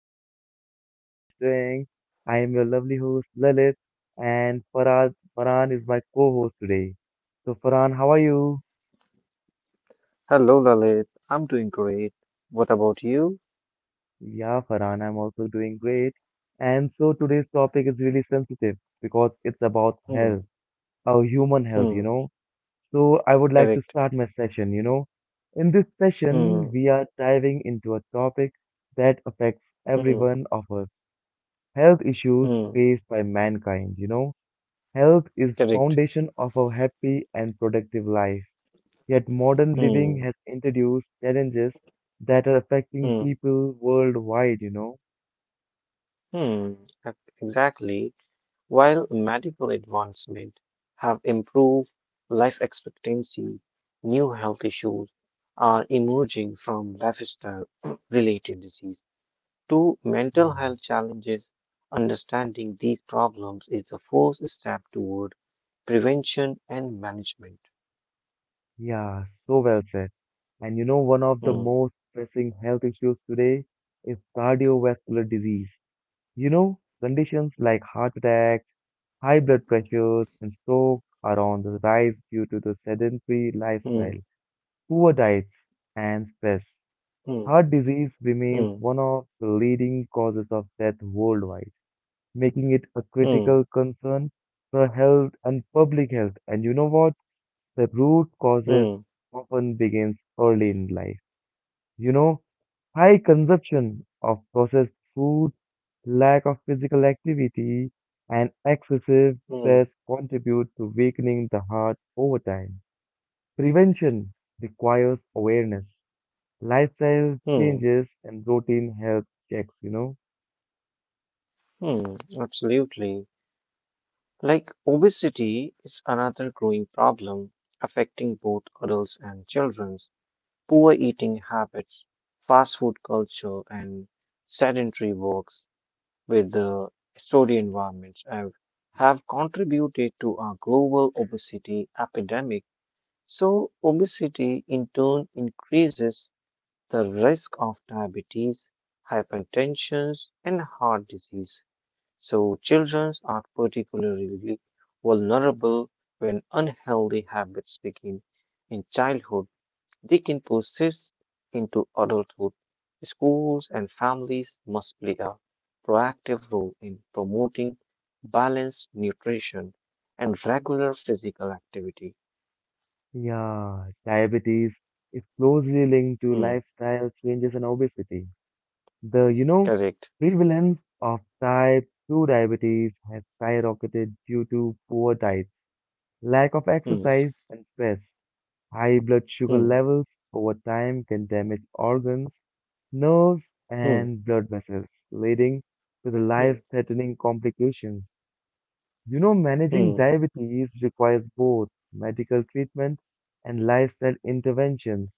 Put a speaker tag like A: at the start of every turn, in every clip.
A: all? How you guys doing? I am your lovely host Lalit, and Farad Farhan is my co-host today. So, Farhan, how are you?
B: Hello, Lalit. I'm doing great. What about you?
A: Yeah, Farhan, I'm also doing great. And so today's topic is really sensitive because it's about
B: Hmm.
A: health, our human health, you
B: Hmm.
A: know. So, I would like to
B: Correct.
A: start my session. In this session,
B: Hmm.
A: we are diving into a topic that affects every
B: Hmm.
A: one of us health issues
B: Hmm.
A: faced by mankind. Health is
B: Correct.
A: foundation of a happy and productive life. Yet modern living
B: Hmm.
A: has introduced challenges that are affecting
B: Hmm.
A: people worldwide.
B: Hmm. Exactly. While medical advancement have improved life expectancy, new health issues are emerging from lifestyle related diseases to mental
A: Yeah.
B: health challenges, understanding these problems is the first step toward prevention and management.
A: Yeah, so well said. One of the
B: Hmm,
A: most pressing health issues today is cardiovascular disease. Conditions like heart attacks, high blood pressures, and stroke are on the rise due to the sedentary
B: hmm,
A: lifestyle, poor diets, and stress.
B: hmm,
A: Heart disease remains
B: hmm,
A: one of the leading causes of death worldwide, making it a
B: hmm,
A: critical concern for health and public health. And you know what? The root causes
B: hmm,
A: often begins early in life. You know, high consumption of processed food, lack of physical activity, and excessive
B: hmm,
A: stress contribute to weakening the heart over time. Prevention requires awareness. Lifestyle
B: hmm,
A: changes and routine health checks.
B: hmm. Absolutely. Like obesity is another growing problem affecting both adults and children. Poor eating habits, fast food culture, and sedentary work with the story environments have contributed to our global obesity epidemic. So obesity in turn increases the risk of diabetes, hypertension, and heart disease. So children are particularly vulnerable. When unhealthy habits begin in childhood, they can persist into adulthood. Schools and families must play a proactive role in promoting balanced nutrition and regular physical activity.
A: Yeah, diabetes is closely linked to
B: Hmm,
A: lifestyle changes and obesity. The
B: correct.
A: prevalence of type 2 diabetes has skyrocketed due to poor diets, lack of
B: Hmm,
A: exercise, and stress. High blood sugar
B: hmm,
A: levels over time can damage organs, nerves, and blood vessels, leading to the
B: hmm,
A: life-threatening complications. You know,
B: hmm, hmm,
A: managing diabetes requires both medical treatment and lifestyle interventions.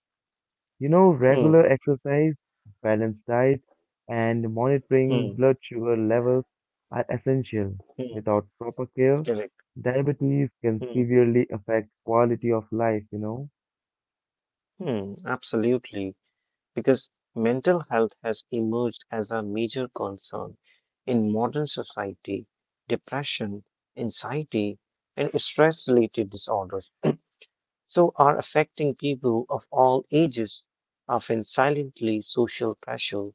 A: You know,
B: hmm,
A: regular exercise, balanced diet, and monitoring
B: hmm,
A: blood sugar levels are essential.
B: hmm,
A: Without proper care,
B: correct.
A: diabetes can
B: Hmm,
A: severely affect quality of life.
B: hmm, absolutely, because mental health has emerged as a major concern in modern society. Depression, anxiety, and stress related disorders so are affecting people of all ages, often silently. Social pressure,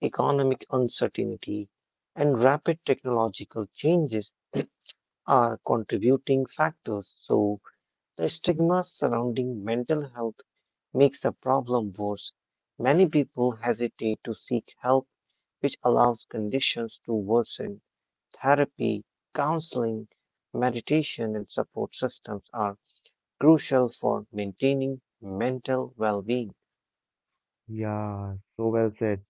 B: economic uncertainty, and rapid technological changes are contributing factors. So the stigma surrounding mental health makes the problem worse. Many people hesitate to seek help, which allows conditions to worsen. Therapy, counseling, meditation, and support systems are crucial for maintaining mental well being.
A: Yeah, so well said.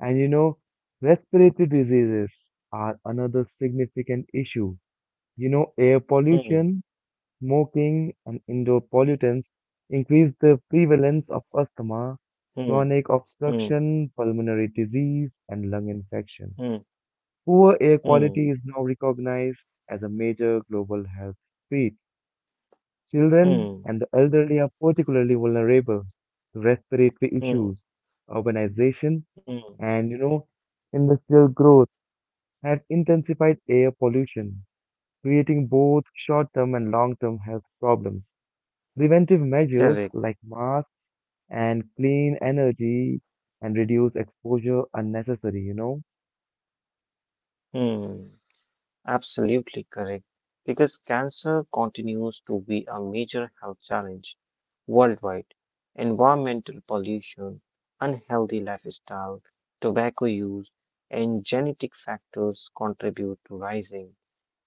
A: And you know, respiratory diseases are another significant issue. You know, air
B: Hmm,
A: pollution, smoking and indoor pollutants increase the prevalence of asthma,
B: hmm,
A: chronic
B: hmm,
A: obstruction, pulmonary disease, and lung infection.
B: hmm,
A: Poor air
B: hmm,
A: quality is now recognized as a major global health threat. Children and the
B: hmm,
A: elderly are particularly vulnerable to respiratory issues.
B: hmm,
A: Urbanization
B: hmm.
A: and industrial growth have intensified air pollution, creating both short-term and long-term health problems. Preventive measures
B: Correct.
A: like masks and clean energy and reduce exposure are necessary.
B: Hmm. Absolutely correct. Because cancer continues to be a major health challenge worldwide. Environmental pollution, unhealthy lifestyle, tobacco use, and genetic factors contribute to rising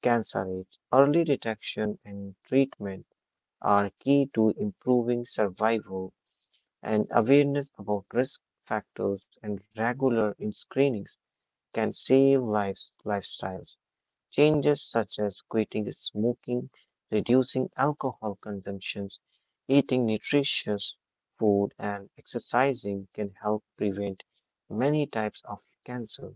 B: cancer rates. Early detection and treatment are key to improving survival, and awareness about risk factors and regular in screenings can save lives. Lifestyles changes such as quitting smoking, reducing alcohol consumptions, eating nutritious food, and exercising can help prevent many types of cancer.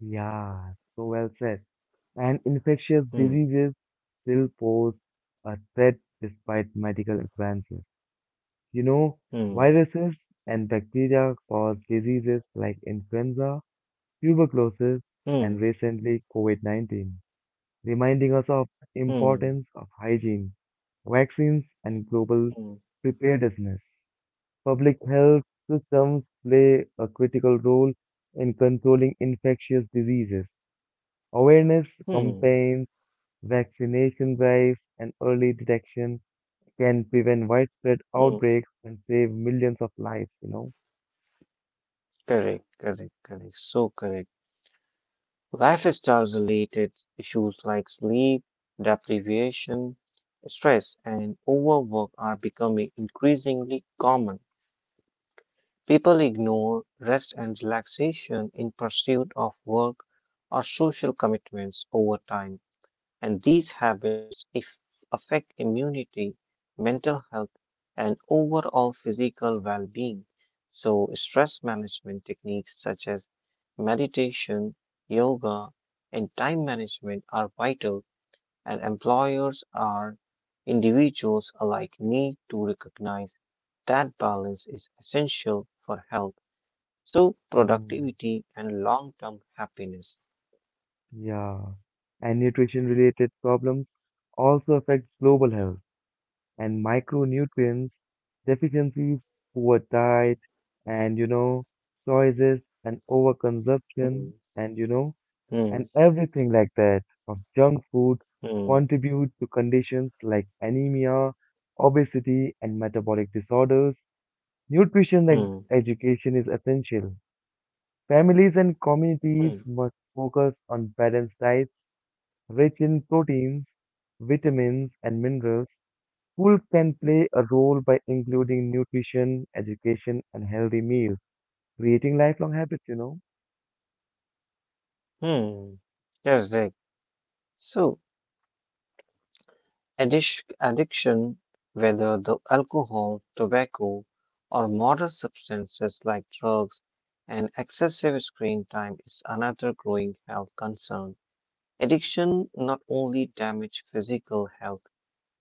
A: Yeah, so well said. And infectious
B: Hmm,
A: diseases still pose a threat despite medical advances. You know,
B: hmm,
A: viruses and bacteria cause diseases like influenza, tuberculosis,
B: hmm,
A: and recently COVID-19, reminding us of the
B: hmm,
A: importance of hygiene, vaccines, and global
B: hmm,
A: preparedness. Public health systems play a critical role in controlling infectious diseases. Awareness
B: hmm,
A: campaigns, vaccination drives, and early detection can prevent widespread
B: hmm.
A: outbreaks and save millions of lives.
B: Correct, correct, correct. So correct. Lifestyle-related issues like sleep, deprivation, stress, and overwork are becoming increasingly common. People ignore rest and relaxation in pursuit of work or social commitments over time, and these habits if affect immunity, mental health, and overall physical well being. So stress management techniques such as meditation, yoga, and time management are vital, and employers are individuals alike need to recognize that balance is essential for health so
A: Hmm.
B: productivity and long-term happiness.
A: Yeah. And nutrition related problems also affect global health and micronutrients deficiencies, poor diet, and choices and
B: Hmm,
A: overconsumption, and and
B: hmm,
A: everything like that of junk food
B: hmm,
A: contribute to conditions like anemia, obesity, and metabolic disorders. Nutrition
B: hmm,
A: education is essential. Families and communities
B: hmm,
A: must focus on balanced diets rich in proteins, vitamins, and minerals. Schools can play a role by including nutrition, education, and healthy meals, creating lifelong habits.
B: hmm. Yes, right. So addiction, whether the alcohol, tobacco, or modern substances like drugs and excessive screen time is another growing health concern. Addiction not only damage physical health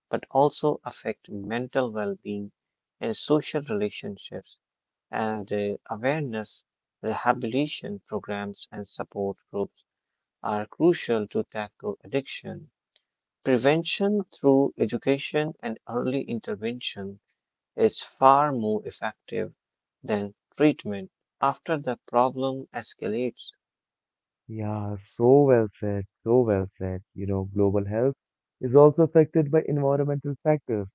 B: but also affect mental well being and social relationships. And awareness, rehabilitation programs, and support groups are crucial to tackle addiction. Prevention through education and early intervention is far more effective than treatment after the problem escalates.
A: Yeah, so well said, so well said. You know, global health is also affected by environmental factors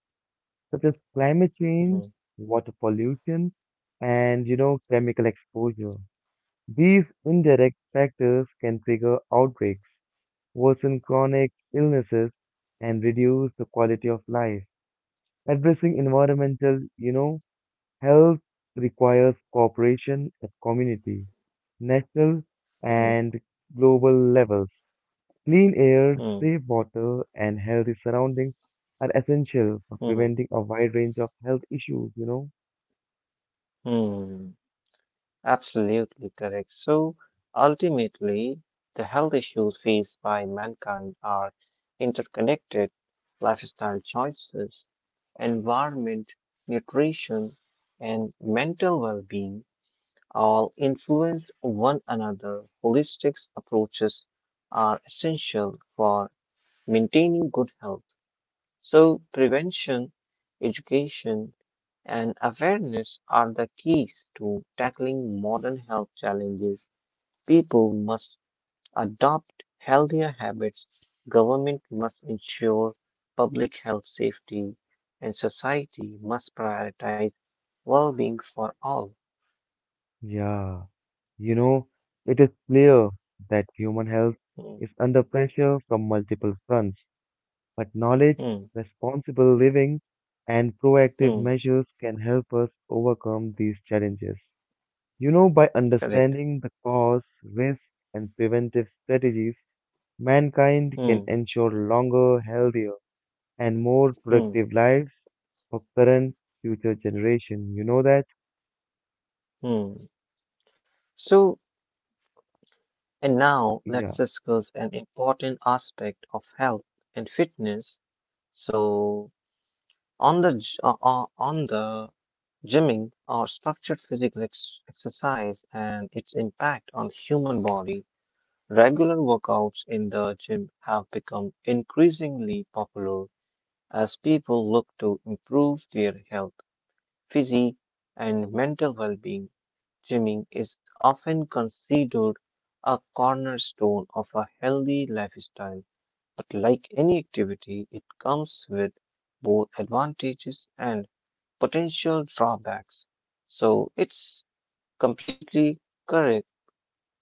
A: such as climate change,
B: Hmm,
A: water pollution, and chemical exposure. These indirect factors can trigger outbreaks, worsen chronic illnesses, and reduce the quality of life. Addressing environmental health requires cooperation at community, national,
B: hmm,
A: and global levels. Clean air, safe
B: hmm,
A: water, and healthy surroundings are essential for
B: hmm,
A: preventing a wide range of health issues?
B: hmm, hmm. Absolutely correct. So ultimately, the health issues faced by mankind are interconnected. Lifestyle choices, environment, nutrition, and mental well being all influence one another. Holistic approaches are essential for maintaining good health. So prevention, education, and awareness are the keys to tackling modern health challenges. People must adopt healthier habits, government must ensure public health safety, and society must prioritize well being for all.
A: Yeah, you know, it is clear that human health
B: Hmm,
A: is under pressure from multiple fronts, but knowledge,
B: hmm,
A: responsible living, and proactive
B: hmm,
A: measures can help us overcome these challenges. You know, by
B: correct.
A: understanding the cause, risks, and preventive strategies, mankind can
B: Hmm,
A: ensure longer, healthier, and more
B: hmm,
A: productive lives for current future generation. You know that?
B: hmm. So, and now
A: Yeah,
B: let's discuss an important aspect of health and fitness. So on the on the gymming or structured physical exercise and its impact on human body, regular workouts in the gym have become increasingly popular as people look to improve their health, physique, and mental well-being. Gymming is often considered a cornerstone of a healthy lifestyle, but like any activity, it comes with both advantages and potential drawbacks. So it's completely correct.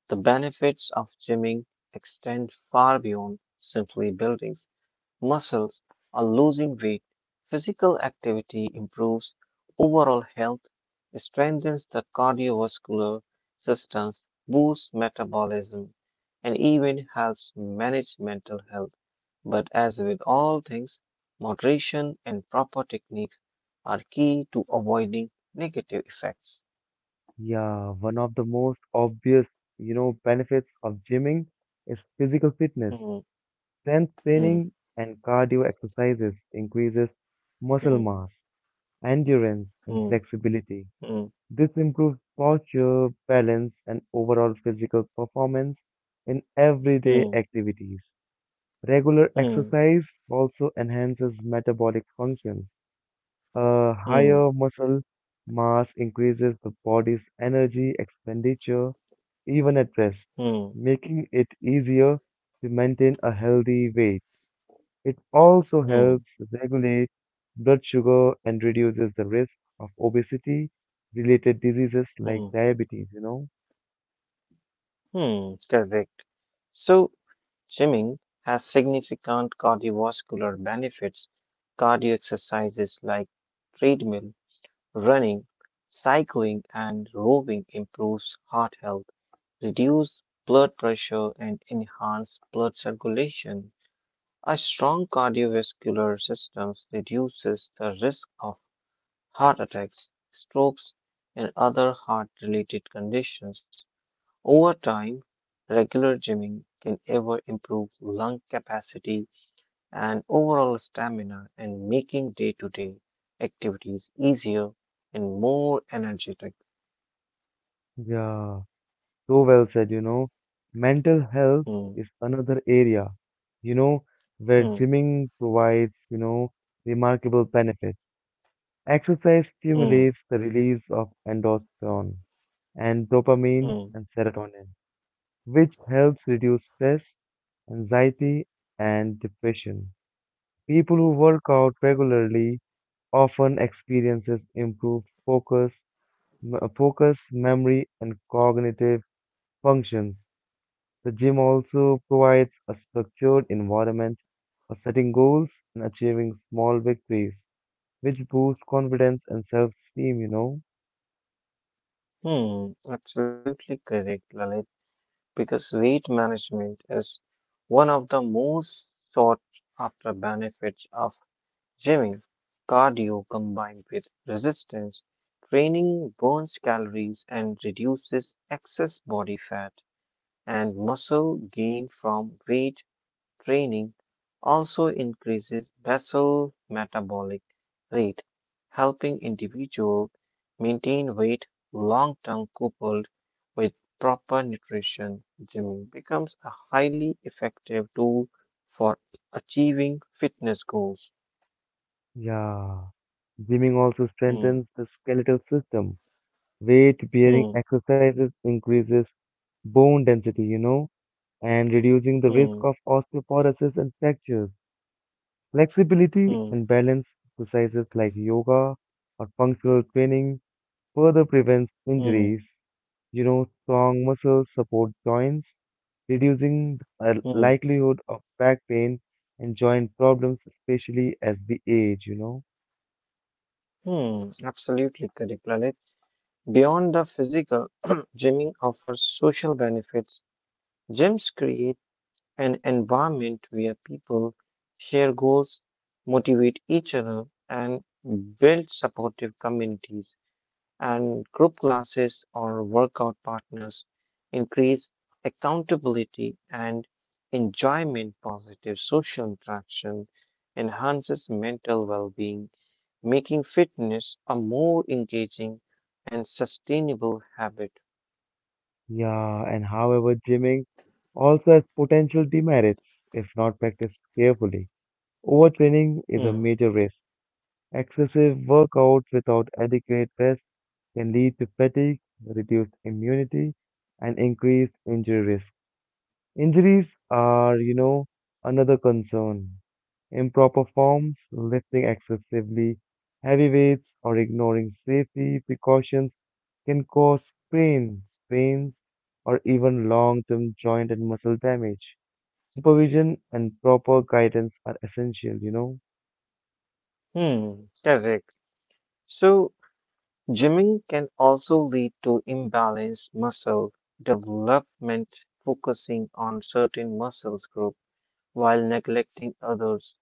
B: The benefits of gymming extend far beyond simply building muscles are losing weight. Physical activity improves overall health, strengthens the cardiovascular systems, boosts metabolism, and even helps manage mental health. But as with all things, moderation and proper techniques are key to avoiding negative effects.
A: yeah. One of the most obvious benefits of gymming is physical fitness.
B: Hmm,
A: Strength
B: hmm,
A: training and cardio exercises increases muscle
B: hmm,
A: mass, endurance, and
B: hmm,
A: flexibility.
B: hmm,
A: This improves posture, balance, and overall physical performance in everyday activities. Regular
B: hmm,
A: exercise also enhances metabolic functions. A
B: hmm,
A: higher
B: hmm,
A: muscle mass increases the body's energy expenditure even at rest,
B: hmm,
A: making it easier to maintain a healthy weight. It also helps
B: hmm,
A: regulate blood sugar and reduces the risk of obesity related diseases like
B: hmm,
A: diabetes.
B: hmm, correct. So swimming has significant cardiovascular benefits. Cardio exercises like treadmill, running, cycling, and rowing improves heart health, reduce blood pressure, and enhance blood circulation. A strong cardiovascular system reduces the risk of heart attacks, strokes, and other heart-related conditions. Over time, regular gymming can ever improve lung capacity and overall stamina and making day-to-day activities easier and more energetic.
A: Yeah, so well said, you know. Mental health
B: Hmm,
A: is another area, you know, where
B: hmm,
A: gymming provides remarkable benefits. Exercise
B: hmm,
A: stimulates the release of endorphin and dopamine
B: hmm,
A: and serotonin, which helps reduce stress, anxiety, and depression. People who work out regularly often experiences improved focus, focus, memory, and cognitive functions. The gym also provides a structured environment for setting goals and achieving small victories, which boosts confidence and self-esteem.
B: hmm. Absolutely correct, Lalit, because weight management is one of the most sought after benefits of gymming. Cardio combined with resistance training burns calories and reduces excess body fat, and muscle gain from weight training also increases basal metabolic rate, helping individuals maintain weight long term coupled with proper nutrition. Gymming becomes a highly effective tool for achieving fitness goals.
A: Yeah. Gymming also
B: Hmm.
A: strengthens the skeletal system. Weight bearing
B: Hmm.
A: exercises increases bone density, and reducing the
B: Hmm.
A: risk of osteoporosis and fractures. Flexibility
B: Hmm.
A: and balance exercises like yoga or functional training further prevents
B: Hmm.
A: injuries. You know, strong muscles support joints, reducing the
B: Hmm.
A: likelihood of back pain and joint problems, especially as we age.
B: Mm. Absolutely correct, Lalit. Beyond the physical, gymming offers social benefits. Gyms create an environment where people share goals, motivate each other, and build supportive communities, and group classes or workout partners increase accountability and enjoyment. Positive social interaction enhances mental well-being, making fitness a more engaging and sustainable habit.
A: Yeah, and however, gymming also has potential demerits if not practiced carefully. Overtraining is a
B: Hmm.
A: major risk. Excessive workouts without adequate rest can lead to fatigue, reduced immunity, and increased injury risk. Injuries are, you know, another concern. Improper forms, lifting excessively heavy weights, or ignoring safety precautions can cause sprains, pains, or even long-term joint and muscle damage. Supervision and proper guidance are essential.
B: Hmm. Correct. So gymming can also lead to imbalanced muscle development. Focusing on certain muscles group while neglecting others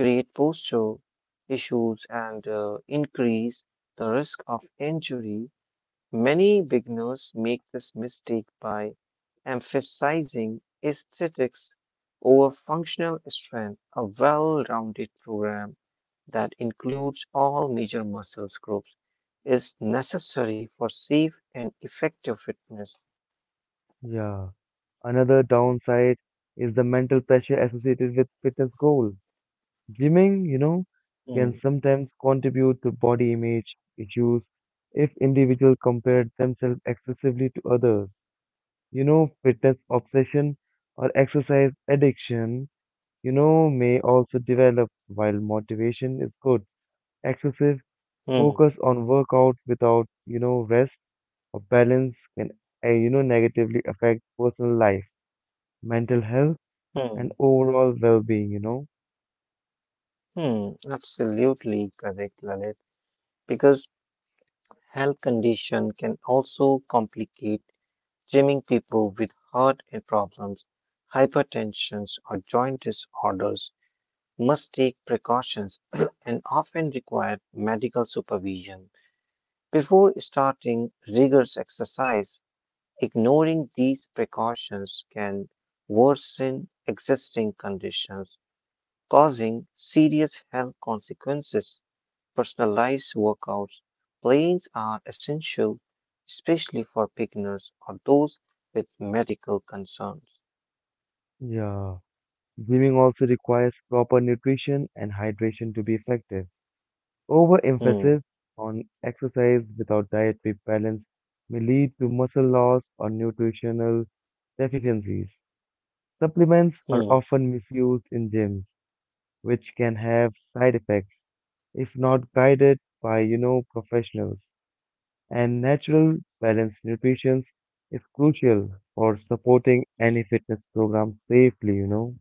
B: create posture issues and increase the risk of injury. Many beginners make this mistake by emphasizing aesthetics over functional strength. A well rounded program that includes all major muscle groups is necessary for safe and effective fitness.
A: Yeah, another downside is the mental pressure associated with fitness goal. Gymming
B: Hmm,
A: can sometimes contribute to body image issues if individuals compare themselves excessively to others. You know, fitness obsession or exercise addiction, you know, may also develop while motivation is good. Excessive
B: hmm,
A: focus on workout without rest or balance can negatively affect personal life, mental health, and
B: hmm,
A: overall well-being.
B: hmm. Absolutely correct, Lalit. Because health condition can also complicate gymming. People with heart and problems, hypertension or joint disorders must take precautions and often require medical supervision. Before starting rigorous exercise, ignoring these precautions can worsen existing conditions, causing serious health consequences. Personalized workouts plans are essential, especially for beginners or those with medical concerns.
A: Yeah. Gymming also requires proper nutrition and hydration to be effective.
B: Hmm,
A: Overemphasis on exercise without dietary balance may lead to muscle loss or nutritional deficiencies. Supplements are
B: hmm,
A: often misused in gyms which can have side effects if not guided by professionals. And natural, balanced nutrition is crucial for supporting any fitness program safely.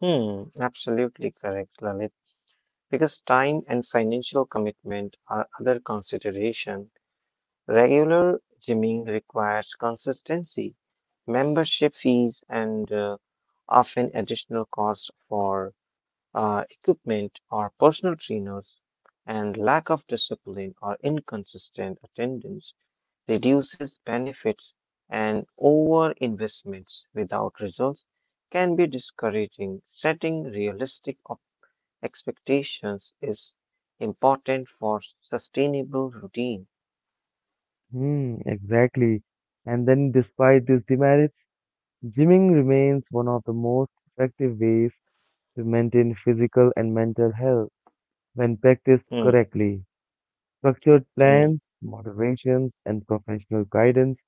B: hmm. Absolutely correct, Lalit. Because time and financial commitment are other consideration. Regular gymming requires consistency, membership fees, and often additional costs for equipment, or personal trainers, and lack of discipline or inconsistent attendance reduces benefits, and over investments without results can be discouraging. Setting realistic expectations is important for sustainable routine.
A: Hmm, exactly. And then, despite these demerits, gymming remains one of the most effective ways to maintain physical and mental health when practiced
B: Hmm,
A: correctly. Structured
B: hmm,
A: plans, moderations, and professional guidance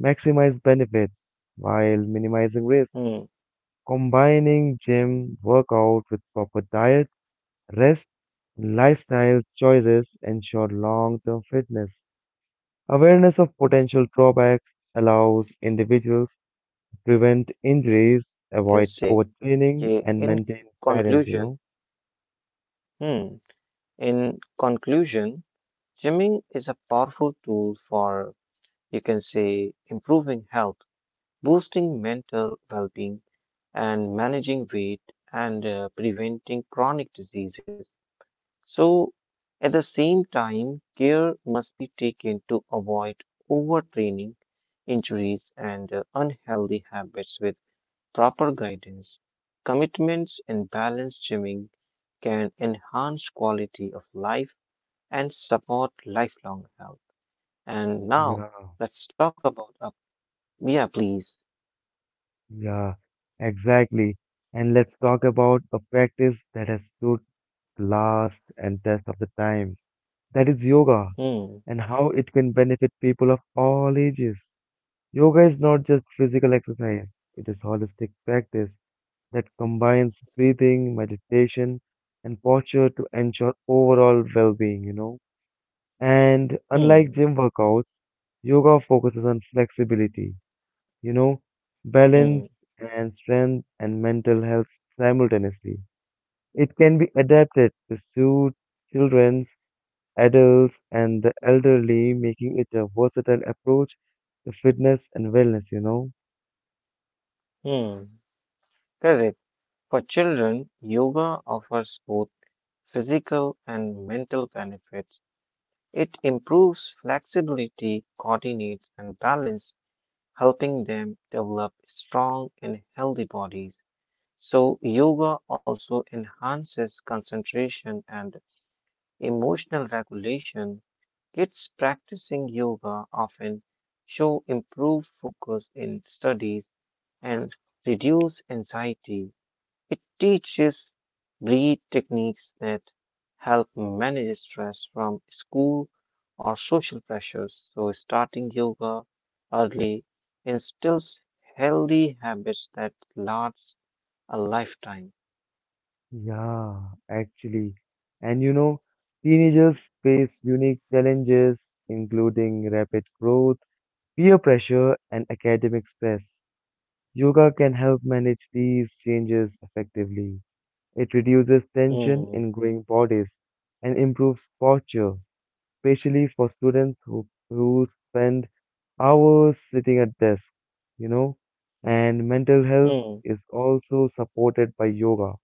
A: maximize benefits while minimizing risk.
B: hmm,
A: Combining gym workout with proper diet, rest, and lifestyle choices ensure long-term fitness. Awareness of
B: hmm.
A: potential drawbacks allows
B: Absolutely correct,
A: individuals
B: Lalit.
A: to prevent
B: Because
A: injuries,
B: you can
A: avoid
B: say,
A: overtraining,
B: yeah,
A: and
B: in
A: maintain balance, you
B: conclusion,
A: know?
B: hmm, in conclusion, gymming is a powerful tool for, you can say, improving health, boosting mental well being, and managing weight and preventing chronic diseases. So at the same time, care must be taken to avoid overtraining, injuries, and unhealthy habits. With proper guidance, commitments, and balanced gymming can enhance quality of life and support lifelong health. And now
A: Yeah,
B: let's talk about a yeah, please.
A: yeah, exactly. And let's talk about a practice that has stood the last and test of the time. That is yoga,
B: Hmm,
A: and how it can benefit people of all ages. Yoga is not just physical exercise, it is holistic practice that combines breathing, meditation, and posture to ensure overall well-being. And unlike
B: hmm,
A: gym workouts, yoga focuses on flexibility, you know, balance
B: hmm,
A: and strength and mental health simultaneously. It can be adapted to suit children, adults and the elderly, making it a versatile approach to fitness and wellness.
B: hmm. Correct. For children, yoga offers both physical and mental benefits. It improves flexibility, coordinates, and balance, helping them develop strong and healthy bodies. So yoga also enhances concentration and emotional regulation. Kids practicing yoga often show improved focus in studies and reduce anxiety. It teaches breathe techniques that help manage stress from school or social pressures. So starting yoga early instills healthy habits that last a lifetime.
A: Yeah, actually. And you know, teenagers face unique challenges, including rapid growth, peer pressure, and academic stress. Yoga can help manage these changes effectively. It reduces tension
B: Hmm,
A: in growing bodies and improves posture, especially for students who spend hours sitting at desks, you know, and mental health
B: hmm,
A: is also supported by yoga,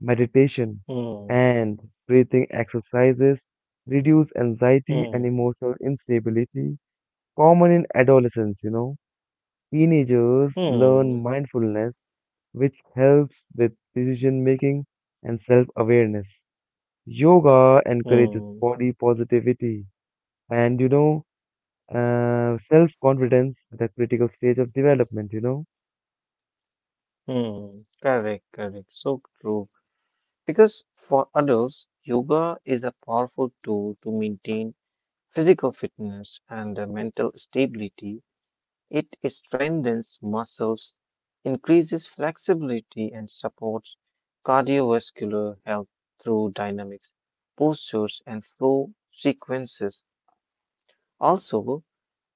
A: meditation,
B: hmm,
A: and breathing exercises, reduce anxiety
B: hmm,
A: and emotional instability, common in adolescents. Teenagers
B: hmm,
A: learn mindfulness, which helps with decision making and self awareness. Yoga encourages
B: hmm.
A: body positivity, and self-confidence at a critical stage of development?
B: Hmm, correct, correct. So true. Because for adults, yoga is a powerful tool to maintain physical fitness and mental stability. It strengthens muscles, increases flexibility, and supports cardiovascular health through dynamics, postures, and flow sequences. Also,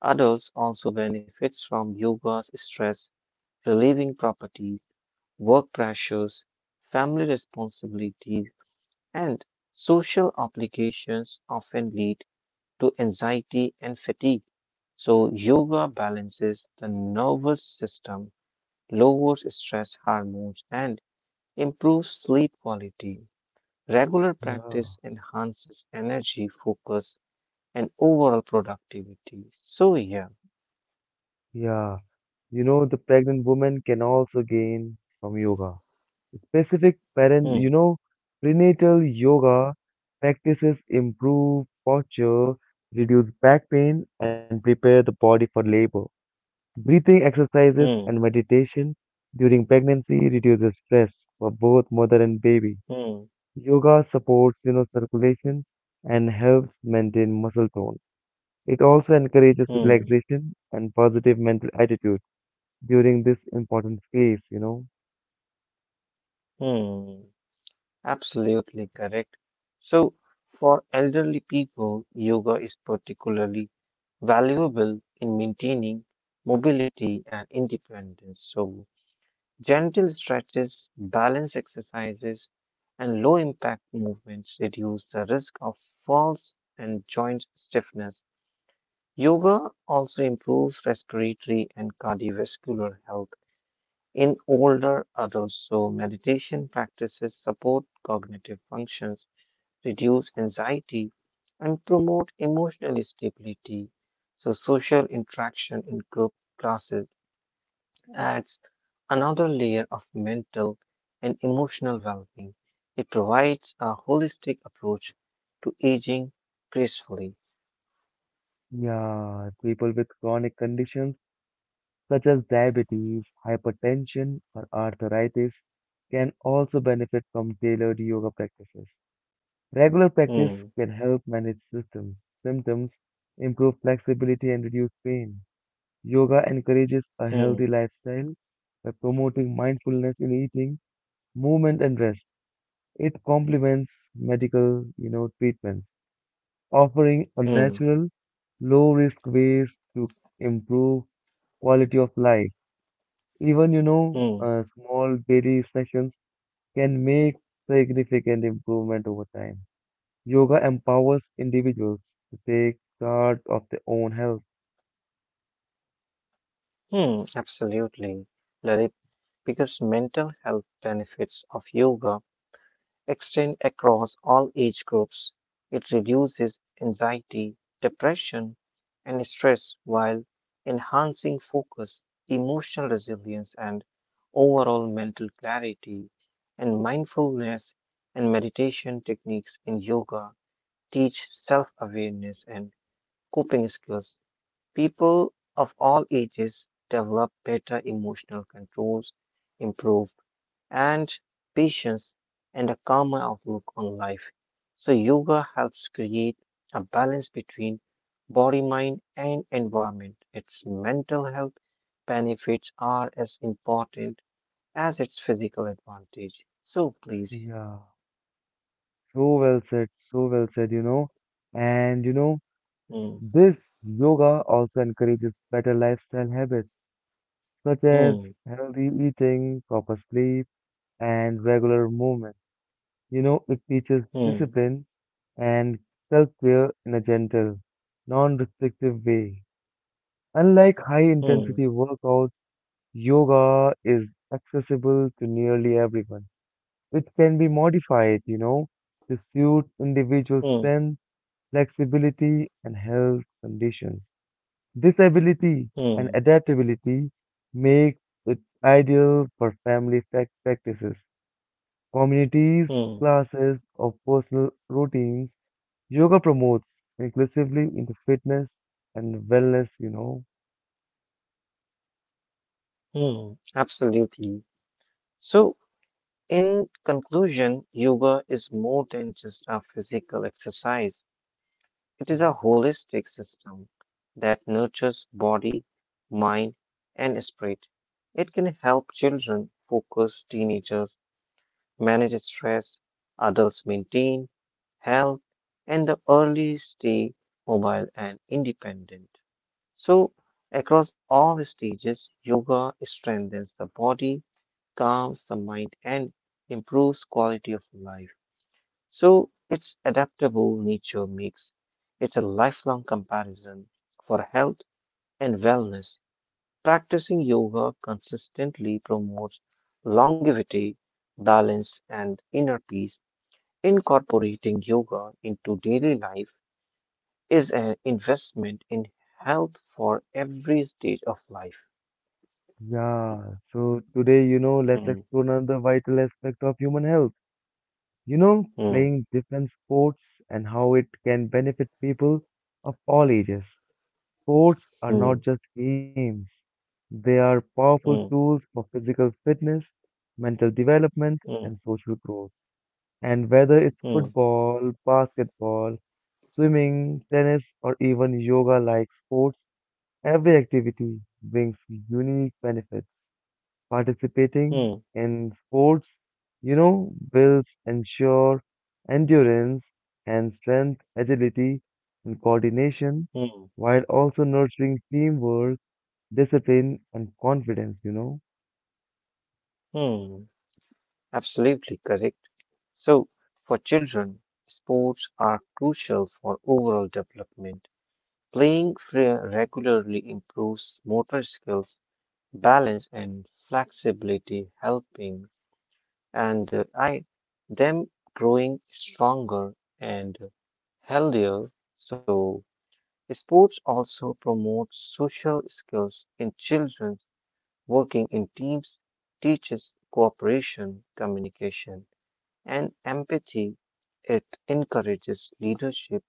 B: adults also benefits from yoga's stress relieving properties. Work pressures, family responsibilities, and social obligations often lead to anxiety and fatigue. So yoga balances the nervous system, lowers stress hormones, and improves sleep quality. Regular
A: Yeah,
B: practice enhances energy, focus, and overall productivity. So, yeah.
A: yeah. You know, the pregnant woman can also gain from yoga. Specific parent, you
B: Hmm,
A: know, prenatal yoga practices improve posture, reduce back pain, and prepare the body for labor. Breathing exercises and
B: hmm,
A: meditation during pregnancy reduces stress for both mother and baby.
B: hmm,
A: Yoga supports circulation and helps maintain muscle tone. It also encourages
B: hmm,
A: relaxation and positive mental attitude during this important phase.
B: hmm. Absolutely correct. So for elderly people, yoga is particularly valuable in maintaining mobility and independence. So gentle stretches, balance exercises, and low impact movements reduce the risk of falls and joint stiffness. Yoga also improves respiratory and cardiovascular health in older adults. So meditation practices support cognitive functions, reduce anxiety, and promote emotional stability. So social interaction in group classes adds another layer of mental and emotional well being. It provides a holistic approach to aging gracefully.
A: Yeah, people with chronic conditions such as diabetes, hypertension, or arthritis can also benefit from tailored yoga practices. Regular practice
B: Hmm,
A: can help manage systems, symptoms, improve flexibility, and reduce pain. Yoga encourages a
B: hmm,
A: healthy lifestyle by promoting mindfulness in eating, movement, and rest. It complements medical treatments, offering a
B: hmm,
A: natural, low-risk ways to improve quality of life. Even, you know,
B: hmm,
A: uh, small daily sessions can make significant improvement over time. Yoga empowers individuals to take charge of their own health.
B: hmm, absolutely, Lalit, because mental health benefits of yoga extend across all age groups. It reduces anxiety, depression, and stress while enhancing focus, emotional resilience, and overall mental clarity. And mindfulness and meditation techniques in yoga teach self awareness and coping skills. People of all ages develop better emotional controls, improve and patience and a calmer outlook on life. So yoga helps create a balance between body, mind, and environment. Its mental health benefits are as important as its physical advantage. So, please.
A: Yeah, so well said, you know. And
B: Hmm,
A: this yoga also encourages better lifestyle habits, such as
B: hmm,
A: healthy eating, proper sleep, and regular movement. It teaches
B: hmm,
A: discipline and self care in a gentle, non restrictive way. Unlike high
B: hmm,
A: intensity workouts, yoga is accessible to nearly everyone. It can be modified, to suit individual
B: hmm,
A: strength, flexibility, and health conditions. This ability and
B: hmm,
A: adaptability makes it ideal for practices, communities,
B: hmm,
A: classes, or personal routines. Yoga promotes inclusively into fitness and wellness.
B: hmm. Absolutely. So in conclusion, yoga is more than just a physical exercise. It is a holistic system that nurtures body, mind, and spirit. It can help children focus, teenagers manage stress, adults maintain health, and the early stay mobile and independent. So, across all stages, yoga strengthens the body, calms the mind, and improves quality of life. So its adaptable nature makes it a lifelong comparison for health and wellness. Practicing yoga consistently promotes longevity, balance, and inner peace. Incorporating yoga into daily life is an investment in health for every stage of life.
A: Yeah, so today, let's
B: Hmm,
A: explore another vital aspect of human health.
B: hmm,
A: Playing different sports and how it can benefit people of all ages. Sports are not
B: hmm,
A: just games, they are powerful
B: hmm,
A: tools for physical fitness, mental development, and
B: hmm,
A: social growth. And whether it's
B: hmm,
A: football, basketball, swimming, tennis, or even yoga like sports, every activity brings unique benefits. Participating
B: hmm,
A: in sports, builds ensure endurance and strength, agility and coordination,
B: hmm,
A: while also nurturing teamwork, discipline and confidence.
B: hmm. Absolutely correct. So, for children, sports are crucial for overall development. Playing regularly improves motor skills, balance, and flexibility, helping and I them growing stronger and healthier. So, sports also promote social skills in children. Working in teams teaches cooperation, communication, and empathy. It encourages leadership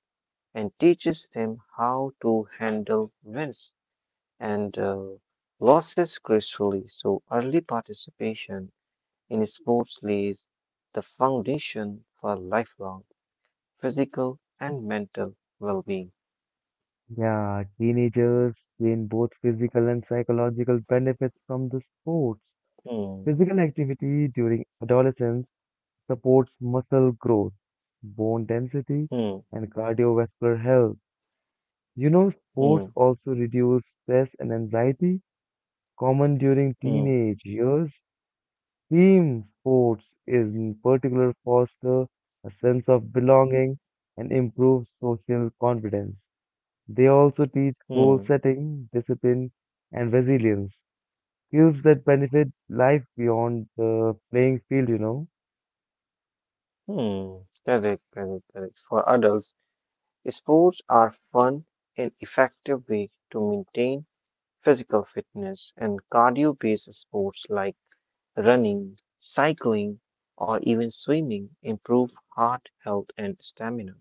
B: and teaches them how to handle wins and losses gracefully. So, early participation in sports lays the foundation for lifelong physical and mental well being.
A: Yeah, teenagers gain both physical and psychological benefits from the sports.
B: Hmm,
A: Physical activity during adolescence supports muscle growth, bone density,
B: hmm,
A: and cardiovascular health. Sports
B: hmm,
A: also reduce stress and anxiety, common during
B: hmm,
A: teenage years. Team sports in particular foster a sense of belonging and improve social confidence. They also teach goal
B: hmm,
A: setting, discipline, and resilience, skills that benefit life beyond the playing field.
B: hmm. Correct, correct, correct. For adults, sports are fun and effective way to maintain physical fitness and cardio based sports like running, cycling, or even swimming improve heart health and stamina.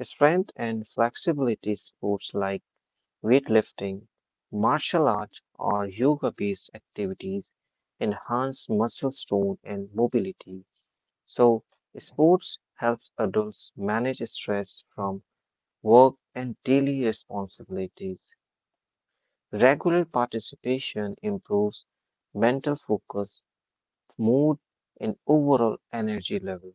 B: Strength and flexibility sports like weightlifting, martial arts, or yoga based activities enhance muscle tone and mobility. So, sports helps adults manage stress from work and daily responsibilities. Regular participation improves mental focus, mood, and overall energy level.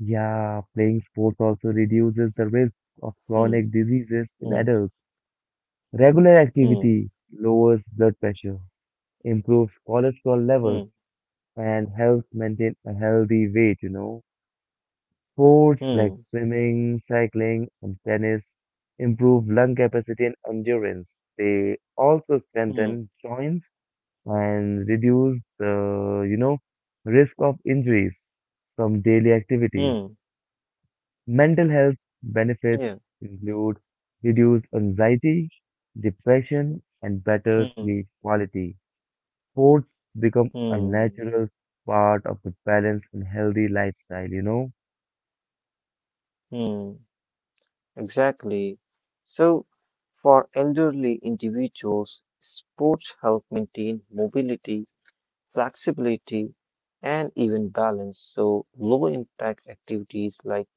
A: Yeah, playing sports also reduces the risk of
B: Hmm,
A: chronic diseases in
B: hmm,
A: adults. Regular
B: hmm,
A: activity lowers blood pressure, improves cholesterol levels,
B: hmm,
A: and helps maintain a healthy weight. Sports like
B: hmm,
A: swimming, cycling, and tennis improve lung capacity and endurance. They also
B: hmm,
A: strengthen joints and reduce the risk of injuries from daily activities.
B: hmm,
A: Mental health benefits
B: yeah,
A: include reduced anxiety, depression, and better
B: hmm,
A: sleep quality. Sports become a
B: hmm,
A: natural part of a balanced and healthy lifestyle.
B: hmm. Exactly. So, for elderly individuals, sports help maintain mobility, flexibility, and even balance. So, low impact activities like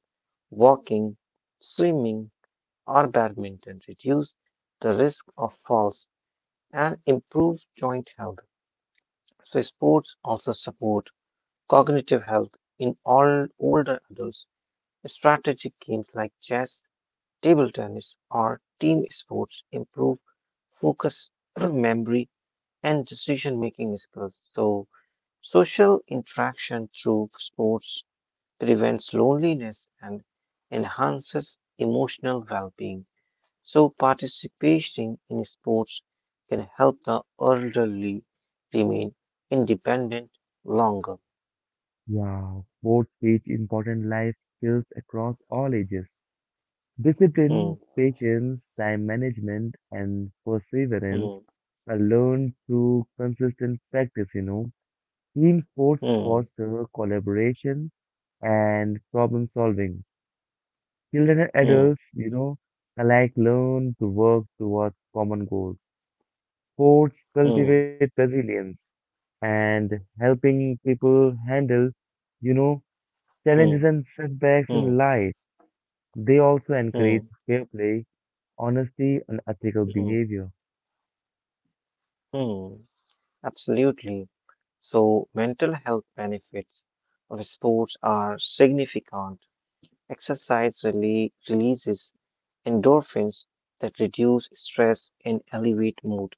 B: walking, swimming, or badminton reduce the risk of falls and improves joint health. So sports also support cognitive health in all older adults. Strategic games like chess, table tennis, or team sports improve focus, memory, and decision-making skills. So social interaction through sports prevents loneliness and enhances emotional well being. So, participating in sports can help the elderly remain independent longer.
A: Yeah, sports teach important life skills across all ages.
B: Hmm,
A: Discipline, patience, time management, and perseverance
B: hmm,
A: are learned through consistent practice. Team sports
B: hmm,
A: foster collaboration and problem solving. Children and
B: hmm,
A: adults, alike learn to work towards common goals. Sports
B: hmm,
A: cultivate resilience and helping people handle, you know, challenges
B: hmm,
A: and setbacks in
B: hmm,
A: life. They also encourage
B: hmm,
A: fair play, honesty, and ethical
B: hmm,
A: behavior.
B: hmm. Absolutely. So, mental health benefits of sports are significant. Exercise releases endorphins that reduce stress and elevate mood.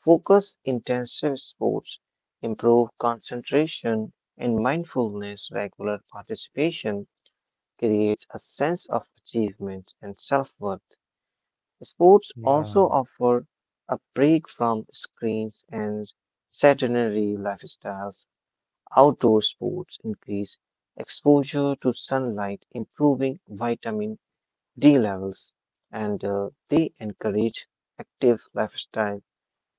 B: Focus intensive sports improve concentration and mindfulness. Regular participation creates a sense of achievement and self worth. Sports
A: Yeah,
B: also offer a break from screens and sedentary lifestyles. Outdoor sports increase exposure to sunlight, improving vitamin D levels, and they encourage active lifestyle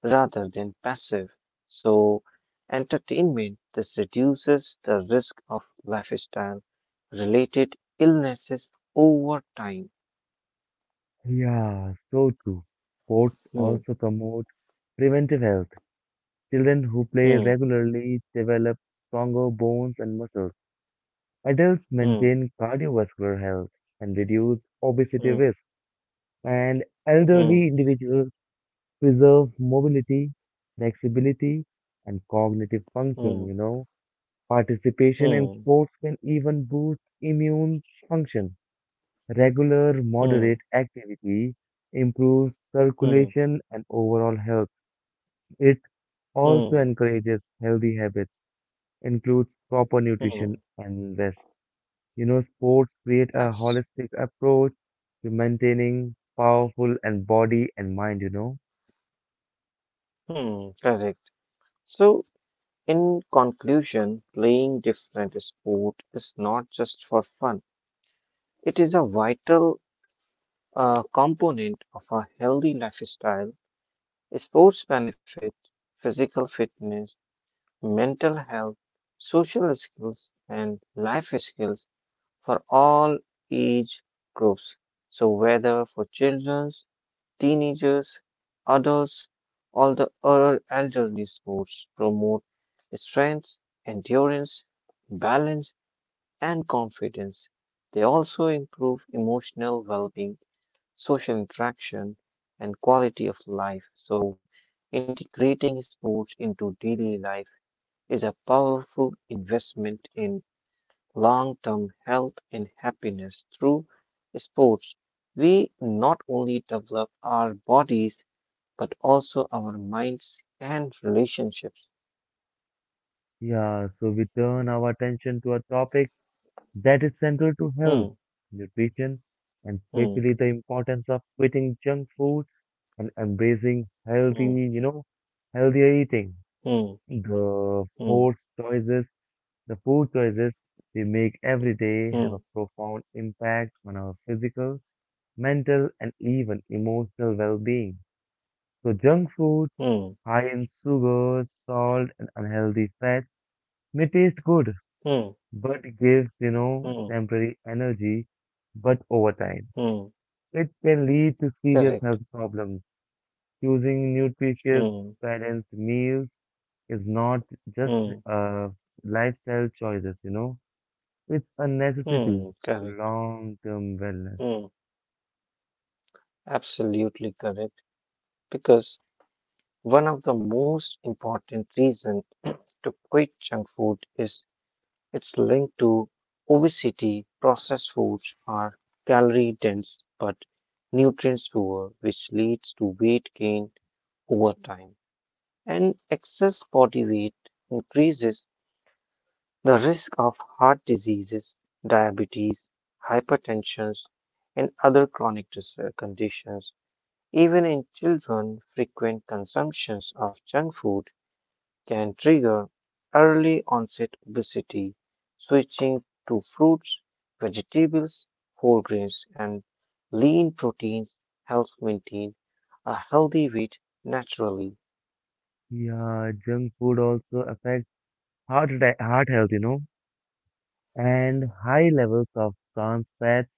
B: rather than passive. So, entertainment this reduces the risk of lifestyle related illnesses over time.
A: yeah, so true. Sports
B: Hmm,
A: also promote preventive health. Children who play
B: hmm,
A: regularly develop stronger bones and muscles. Adults
B: hmm,
A: maintain cardiovascular health and reduce obesity
B: hmm,
A: risk. And elderly
B: hmm,
A: individuals preserve mobility, flexibility, and cognitive function,
B: hmm,
A: you know. Participation in
B: hmm,
A: sports can even boost immune function. Regular moderate
B: hmm,
A: activity improves
B: hmm,
A: circulation and overall health. It also
B: hmm,
A: encourages healthy habits, includes proper nutrition
B: hmm.
A: and rest. Sports create a
B: That's
A: holistic approach to maintaining powerful and body and mind.
B: hmm, correct. So, in conclusion, playing different sport is not just for fun. It is a vital component of a healthy lifestyle. Sports benefit physical fitness, mental health, social skills, and life skills for all age groups. So, whether for children, teenagers, adults, all the other elderly sports promote strength, endurance, balance, and confidence. They also improve emotional well being, social interaction, and quality of life. So, integrating sports into daily life is a powerful investment in long term health and happiness. Through sports, we not only develop our bodies but also our minds and relationships.
A: Yeah, so we turn our attention to a topic that is central to health,
B: Hmm,
A: nutrition, and
B: hmm,
A: especially the importance of quitting junk food and embracing
B: hmm,
A: healthier eating.
B: hmm,
A: The
B: hmm,
A: food choices, the food choices we make every day have
B: hmm,
A: a profound impact on our physical, mental, and even emotional well-being. So junk food,
B: hmm,
A: high in sugar, salt, and unhealthy fats may taste good
B: hmm,
A: but gives,
B: hmm,
A: temporary energy, but over time,
B: hmm.
A: it can lead to serious
B: Correct.
A: health problems. Choosing nutritious,
B: Hmm,
A: balanced meals is not just
B: hmm,
A: a lifestyle choices, it's a necessity for
B: correct.
A: long-term wellness.
B: Hmm. Absolutely correct. Because one of the most important reasons to quit junk food is it's linked to obesity. Processed foods are calorie dense but nutrients poor, which leads to weight gain over time. And excess body weight increases the risk of heart diseases, diabetes, hypertension, and other chronic conditions. Even in children, frequent consumptions of junk food can trigger early onset obesity. Switching to fruits, vegetables, whole grains, and lean proteins helps maintain a healthy weight naturally.
A: Yeah, junk food also affects heart health, and high levels of trans fats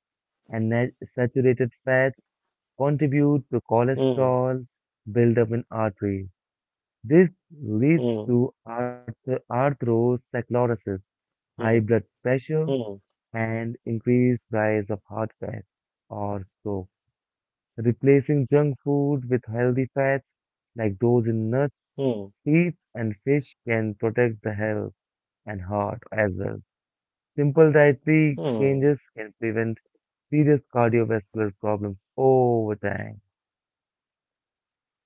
A: and saturated fats contribute to
B: Hmm,
A: cholesterol buildup in arteries. This leads
B: hmm,
A: to atherosclerosis, high
B: hmm,
A: blood pressure,
B: hmm,
A: and increased rise of heart attack or stroke. Replacing junk food with healthy fats like those in nuts,
B: hmm,
A: seeds, and fish can protect the health and heart as well. Simple dietary
B: hmm,
A: changes can prevent serious cardiovascular problems over time.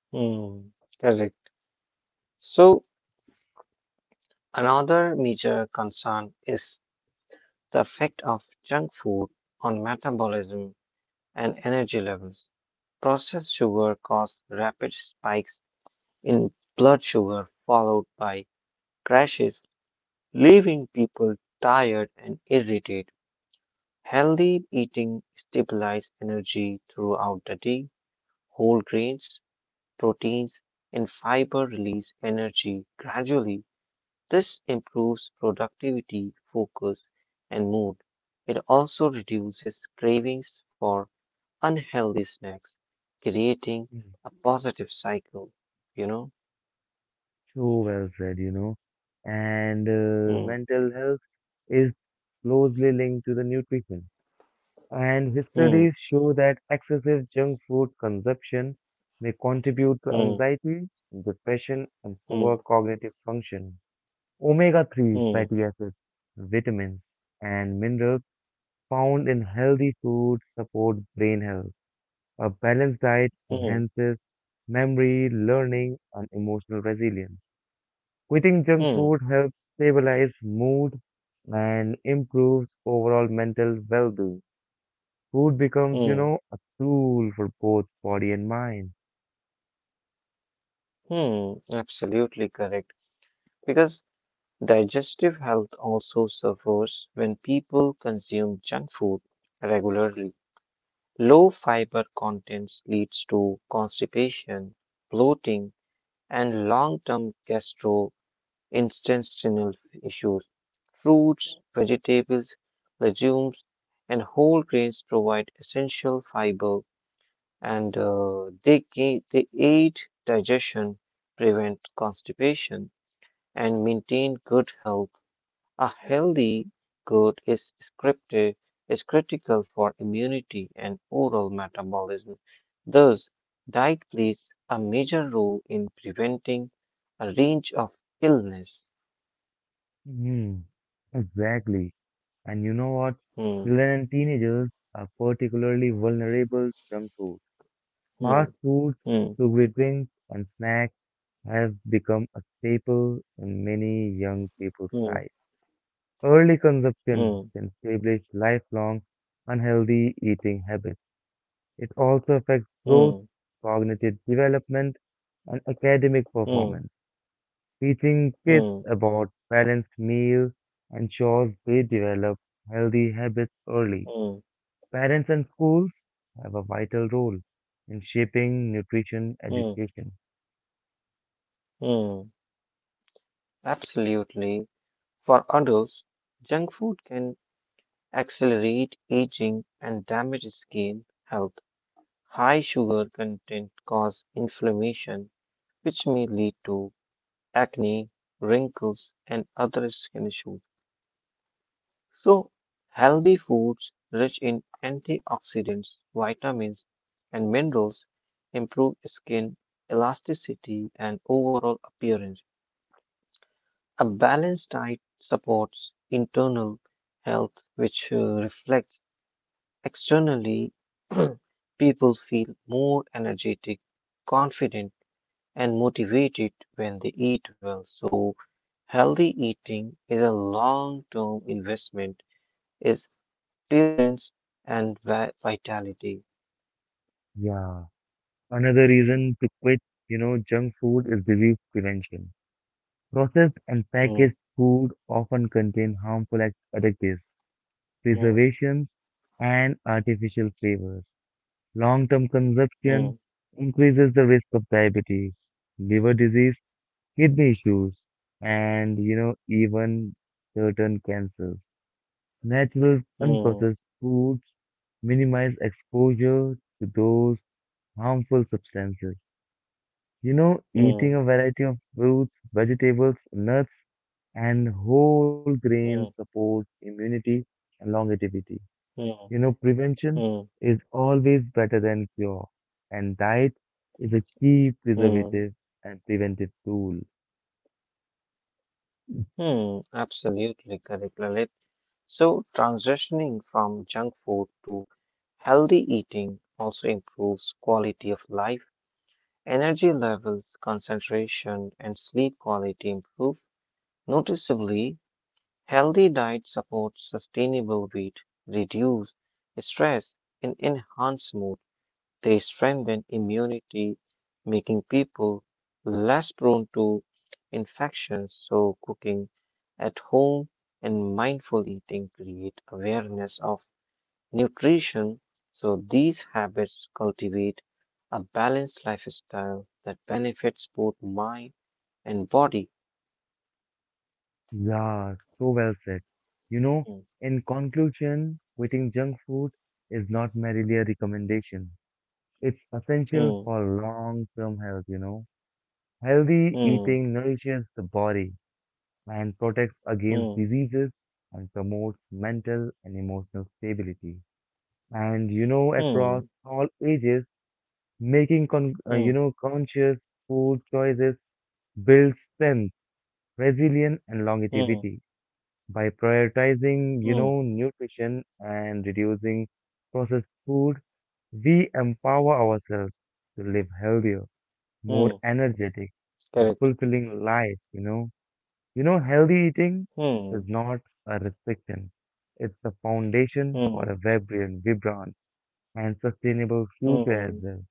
B: hmm. Correct. So, another major concern is the effect of junk food on metabolism and energy levels. Processed sugar causes rapid spikes in blood sugar, followed by crashes, leaving people tired and irritated. Healthy eating stabilizes energy throughout the day. Whole grains, proteins, and fiber release energy gradually. This improves productivity, focus, and mood. It also reduces cravings for unhealthy snacks, creating
A: Mm.
B: a positive cycle, you know?
A: So well said, And
B: Hmm,
A: mental health is closely linked to the nutrition, and his
B: hmm,
A: studies show that excessive junk food consumption may contribute to
B: hmm,
A: anxiety, depression, and poor
B: hmm,
A: cognitive function. Omega-3
B: hmm,
A: fatty acids, vitamins, and minerals found in healthy foods support brain health. A balanced diet
B: hmm,
A: enhances memory, learning, and emotional resilience. Quitting junk
B: hmm,
A: food helps stabilize mood and improves overall mental well-being. Food becomes,
B: hmm,
A: a tool for both body and mind.
B: hmm. Absolutely correct. Because digestive health also suffers when people consume junk food regularly. Low fiber contents leads to constipation, bloating, and long-term gastro intestinal issues. Fruits, vegetables, legumes, and whole grains provide essential fiber and they aid digestion, prevent constipation, and maintain good health. A healthy gut is critical for immunity and oral metabolism. Thus, diet plays a major role in preventing a range of illness.
A: Hmm, exactly. And you know what?
B: Hmm.
A: Children and teenagers are particularly vulnerable to junk food.
B: Mm,
A: Fast foods,
B: mm,
A: sugary drinks, and snacks have become a staple in many young people's
B: mm,
A: lives. Early consumption
B: mm,
A: can establish lifelong unhealthy eating habits. It also affects growth,
B: mm,
A: cognitive development, and academic
B: mm,
A: performance. Teaching kids
B: mm,
A: about balanced meals ensures they develop healthy habits early.
B: mm,
A: Parents and schools have a vital role in shaping nutrition
B: mm,
A: education.
B: mm. Absolutely. For adults, junk food can accelerate aging and damage skin health. High sugar content cause inflammation which may lead to acne, wrinkles, and other skin issues. So, healthy foods rich in antioxidants, vitamins, and minerals improve skin elasticity and overall appearance. A balanced diet supports internal health, which reflects externally. People feel more energetic, confident, and motivated when they eat well. So, healthy eating is a long term investment is appearance and vitality.
A: Yeah. Another reason to quit, junk food is disease prevention. Processed and
B: Mm,
A: packaged food often contain harmful additives,
B: mm,
A: preservations, and artificial flavors. Long-term consumption
B: mm,
A: increases the risk of diabetes, liver disease, kidney issues, and even certain cancers. Natural,
B: mm,
A: unprocessed foods minimize exposure to those harmful substances. Eating
B: mm,
A: a variety of fruits, vegetables, nuts, and whole grains
B: mm,
A: supports immunity and longevity.
B: mm,
A: Prevention
B: mm,
A: is always better than cure, and diet is a key preservative
B: mm,
A: and preventive tool.
B: mm. Absolutely correct, Lalit. So, transitioning from junk food to healthy eating also improves quality of life. Energy levels, concentration, and sleep quality improve noticeably. Healthy diet supports sustainable weight, reduce stress, and enhance mood. They strengthen immunity, making people less prone to infections. So, cooking at home and mindful eating create awareness of nutrition. So, these habits cultivate a balanced lifestyle that benefits both mind and body.
A: Yeah, so well said. You know,
B: Hmm,
A: in conclusion, quitting junk food is not merely a recommendation. It's essential
B: hmm,
A: for long-term health. Healthy
B: hmm,
A: eating nourishes the body and protects
B: hmm,
A: against diseases and promotes mental and emotional stability. And across
B: hmm.
A: all ages, making
B: Hmm.
A: conscious food choices builds strength, resilience, and
B: Hmm.
A: longevity by prioritizing
B: Hmm.
A: nutrition and reducing processed food. We empower ourselves to live healthier, more
B: Hmm.
A: energetic, and
B: Correct.
A: fulfilling life. Healthy eating
B: Hmm.
A: is not a restriction; it's the foundation for
B: Hmm.
A: a vibrant and sustainable future as
B: Hmm.
A: well.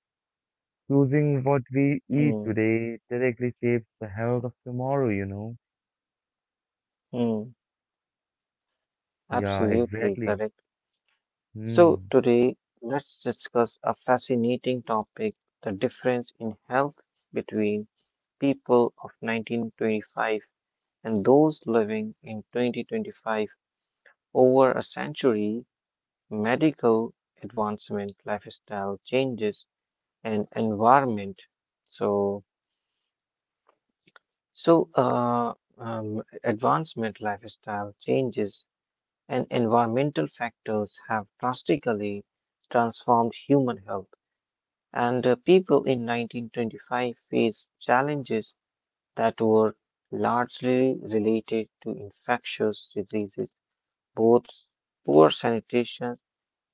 A: Choosing what we eat
B: Hmm.
A: today directly shapes the health of tomorrow,
B: Hmm.
A: Yeah,
B: Absolutely
A: exactly.
B: correct. So
A: Hmm.
B: today, let's discuss a fascinating topic, the difference in health between people of 1925 and those living in 2025. Over a century, medical advancement, lifestyle changes, and environment. So So, advancement, lifestyle changes, and environmental factors have drastically transformed human health. And People in 1925 faced challenges that were largely related to infectious diseases, both poor sanitation,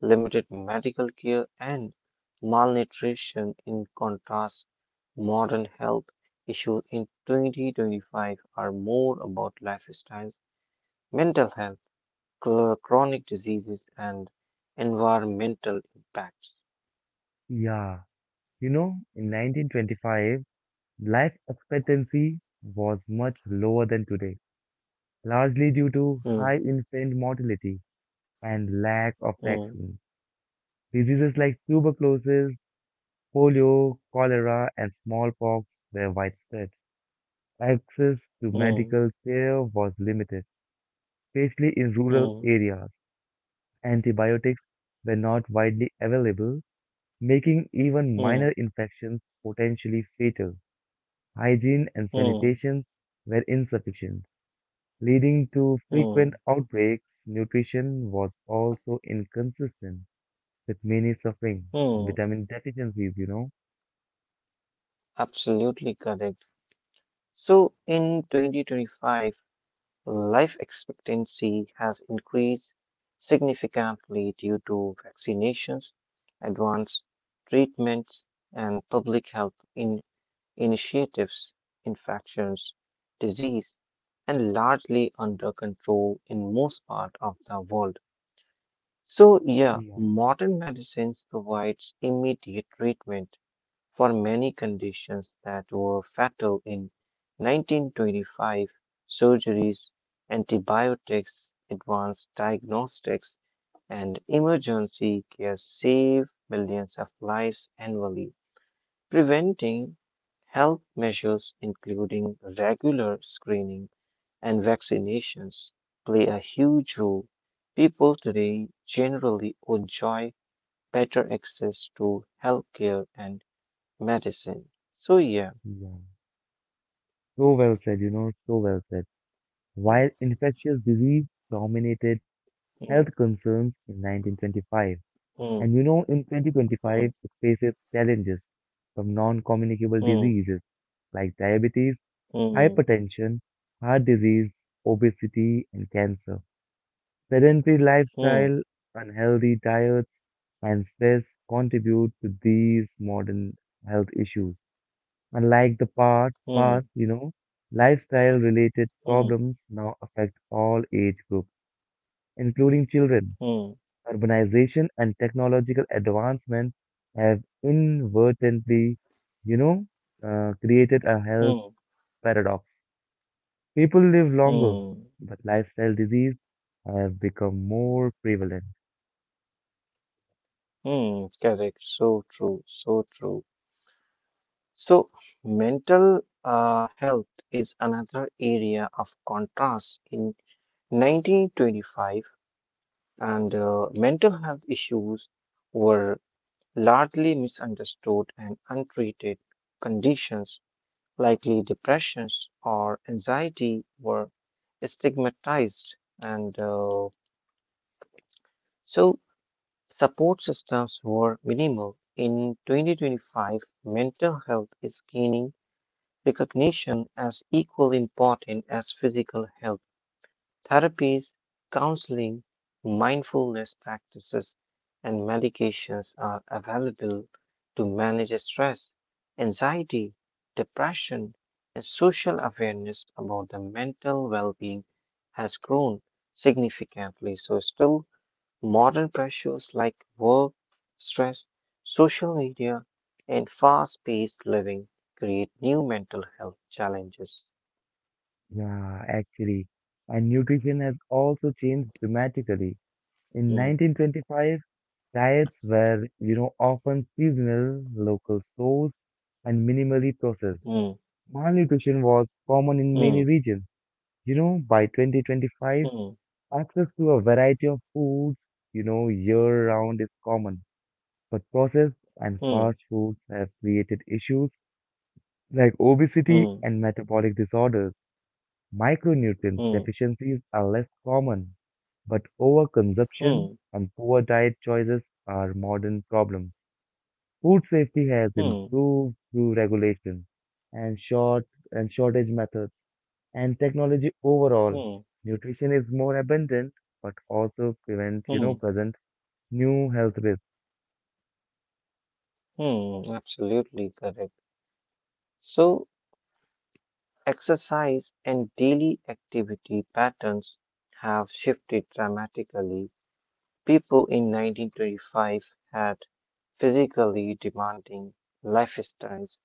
B: limited medical care, and malnutrition. In contrast, modern health issues in 2025 are more about lifestyles, mental health, chronic diseases, and environmental impacts.
A: Yeah. In 1925, life expectancy was much lower than today, largely due to high
B: Hmm,
A: infant mortality and lack of
B: hmm,
A: vaccines. Diseases like tuberculosis, polio, cholera, and smallpox were widespread. Access to
B: hmm,
A: medical care was limited, especially in rural
B: hmm,
A: areas. Antibiotics were not widely available, making even minor
B: hmm,
A: infections potentially fatal. Hygiene and
B: hmm,
A: sanitation were insufficient, leading to frequent
B: hmm,
A: outbreaks. Nutrition was also inconsistent, with many suffering from
B: hmm.
A: vitamin deficiencies.
B: Absolutely correct. So in 2025, life expectancy has increased significantly due to vaccinations, advanced treatments, and public health initiatives. Infections, disease, and largely under control in most part of the world. So yeah,
A: Yeah,
B: modern medicines provides immediate treatment for many conditions that were fatal in 1925. Surgeries, antibiotics, advanced diagnostics, and emergency care save millions of lives annually. Preventing health measures, including regular screening and vaccinations, play a huge role. People today generally enjoy better access to healthcare and medicine. So yeah.
A: yeah. So well said, so well said. While
B: Mm,
A: infectious disease dominated health
B: mm,
A: concerns in 1925, and
B: mm,
A: in 2025, it faces challenges from non communicable
B: mm,
A: diseases like diabetes,
B: mm,
A: hypertension, heart disease, obesity, and cancer. Sedentary
B: mm,
A: lifestyle, unhealthy diets, and stress contribute to these modern health issues. Unlike the past,
B: mm, mm,
A: past, you know, lifestyle related
B: mm,
A: problems now affect all age groups, including children.
B: mm,
A: Urbanization and technological advancement have inadvertently, you know, created a health
B: mm,
A: paradox. People live longer,
B: mm,
A: but lifestyle disease have become more prevalent.
B: mm. Correct. So true. So true. So mental health is another area of contrast. In 1925, and mental health issues were largely misunderstood and untreated. Conditions likely depressions or anxiety were stigmatized, and so support systems were minimal. In 2025, mental health is gaining recognition as equally important as physical health. Therapies, counseling, mindfulness practices, and medications are available to manage stress, anxiety, depression, and social awareness about the mental well being has grown significantly. So, still, modern pressures like work, stress, social media, and fast paced living create new mental health challenges.
A: Yeah, actually. And nutrition has also changed dramatically. In
B: Mm,
A: 1925, diets were, often seasonal, local sourced, and minimally processed.
B: mm,
A: Malnutrition was common in many
B: mm,
A: regions. By 2025,
B: mm,
A: access to a variety of foods, year-round is common, but processed and
B: mm,
A: fast foods have created issues like obesity
B: mm.
A: and metabolic disorders. Micronutrient
B: Hmm.
A: deficiencies are less common, but overconsumption
B: Hmm.
A: and poor diet choices are modern problems. Food safety has
B: Hmm.
A: improved through regulation and shortage methods and technology overall.
B: Hmm.
A: Nutrition is more abundant, but also prevents,
B: Hmm.
A: present new health risks,
B: mm, absolutely correct. So, exercise and daily activity patterns have shifted dramatically. People in 1925 had physically demanding lifestyles,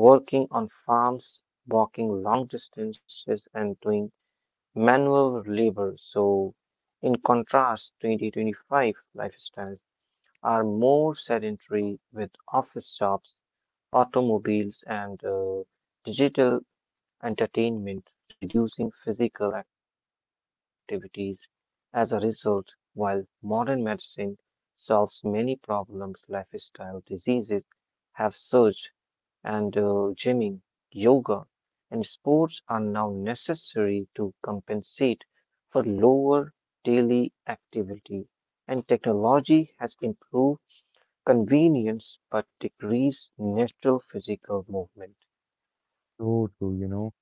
B: working on farms, walking long distances, and doing manual labor. So, in contrast, 2025 lifestyles are more sedentary with office jobs, automobiles, and digital entertainment, reducing physical activities. As a result, while modern medicine solves many problems, lifestyle diseases have surged, and gymming, yoga, and sports are now necessary to compensate for lower daily activity, and technology has improved convenience but decrease natural physical movement.
A: so true,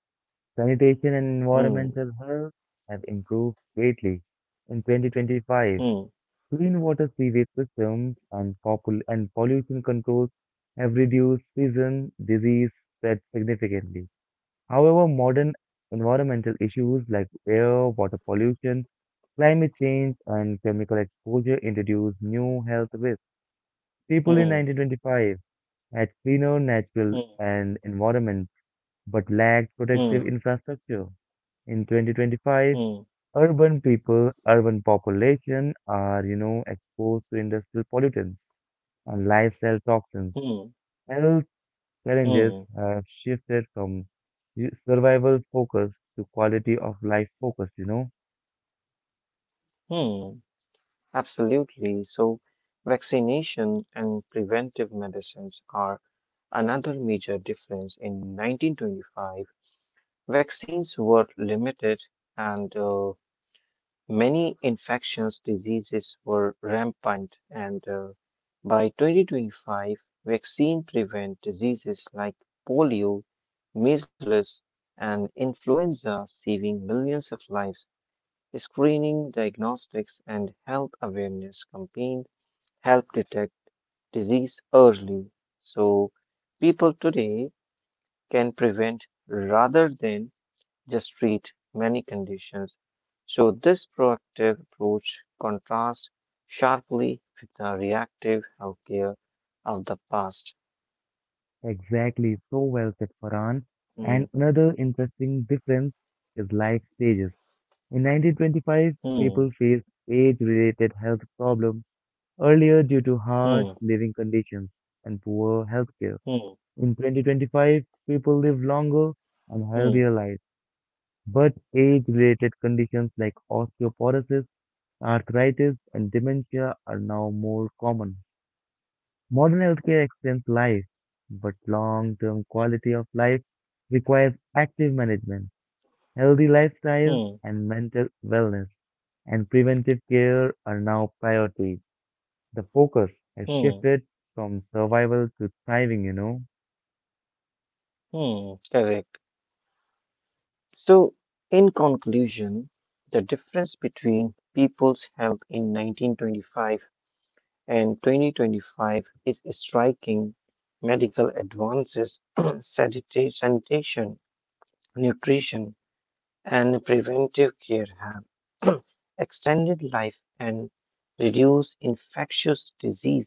A: Sanitation and
B: Hmm,
A: environmental health have improved greatly. In 2025,
B: hmm,
A: clean water sewage systems and, pollution controls have reduced season disease spread significantly. However, modern environmental issues like air, water pollution, climate change, and chemical exposure introduce new health risks. People in
B: hmm,
A: 1925 had cleaner natural
B: hmm,
A: and environment but lacked protective
B: hmm,
A: infrastructure. In 2025,
B: hmm,
A: urban population are, exposed to industrial pollutants and lifestyle toxins.
B: hmm,
A: Health challenges
B: hmm,
A: have shifted from survival focus to quality of life focus,
B: hmm. Absolutely. So, vaccination and preventive medicines are another major difference. In 1925, vaccines were limited, and many infectious diseases were rampant, and by 2025, vaccine prevent diseases like polio, measles, and influenza, saving millions of lives. Screening, diagnostics, and health awareness campaign help detect disease early, so people today can prevent rather than just treat many conditions. So, this proactive approach contrasts sharply with the reactive healthcare of the past.
A: Exactly, so well said, Farhan.
B: Hmm,
A: And another interesting difference is life stages. In 1925, people
B: hmm,
A: faced age-related health problems earlier due to harsh
B: hmm,
A: living conditions and poor healthcare.
B: hmm,
A: In 2025, people live longer and
B: hmm,
A: healthier lives, but age-related conditions like osteoporosis, arthritis, and dementia are now more common. Modern healthcare extends life, but long-term quality of life requires active management, healthy lifestyle,
B: hmm,
A: and mental wellness, and preventive care are now priorities. The focus has
B: hmm,
A: shifted from survival to thriving,
B: hmm. Correct. So, in conclusion, the difference between people's health in 1925 and 2025 is striking. Medical advances, sanitation, nutrition, and preventive care have extended life and reduced infectious disease.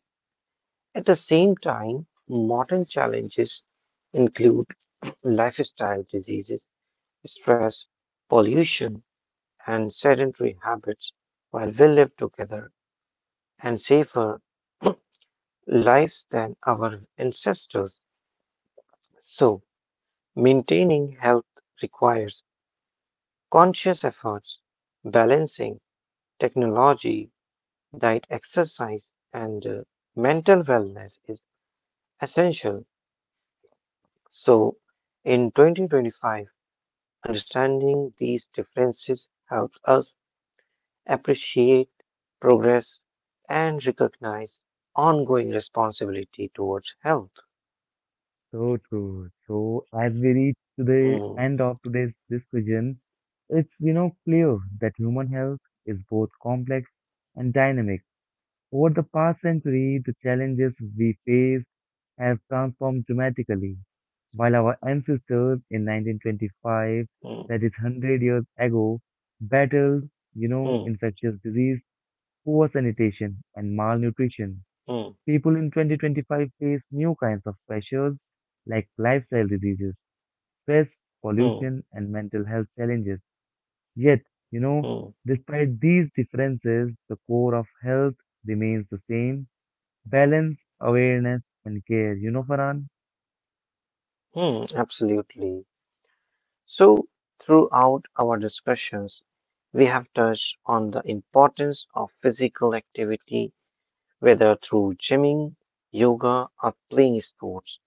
B: At the same time, modern challenges include lifestyle diseases, stress, pollution, and sedentary habits. While we live together and safer lives than our ancestors, so maintaining health requires conscious efforts, balancing technology, diet, exercise, and mental wellness is essential. So, in 2025, understanding these differences helps us appreciate progress and recognize ongoing responsibility towards health.
A: So true. So as we reach to the
B: Hmm,
A: end of today's discussion, it's, clear that human health is both complex and dynamic. Over the past century, the challenges we face have transformed dramatically. While our ancestors in 1925,
B: hmm,
A: that is 100 years ago, battled,
B: hmm,
A: infectious disease, poor sanitation, and malnutrition,
B: hmm,
A: people in 2025 face new kinds of pressures like lifestyle diseases, stress,
B: hmm,
A: pollution, and mental health challenges. Yet, you know,
B: hmm,
A: despite these differences, the core of health remains the same balance, awareness, and care. You know, Farhan?
B: Absolutely. So, throughout our discussions, we have touched on the importance of physical activity whether through gymming, yoga, or playing sports.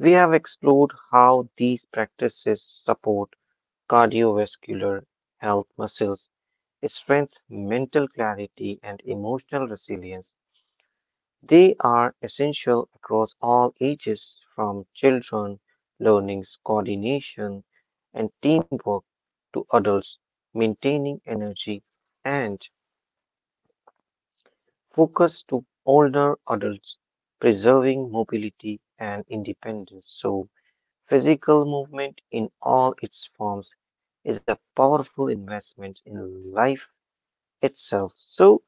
B: We have explored how these practices support cardiovascular health, muscles, strength, mental clarity, and emotional resilience. They are essential across all ages, from children learning coordination and teamwork to adults maintaining energy and focus to older adults, preserving mobility and independence. So, physical movement in all its forms is a powerful investment in life itself. So,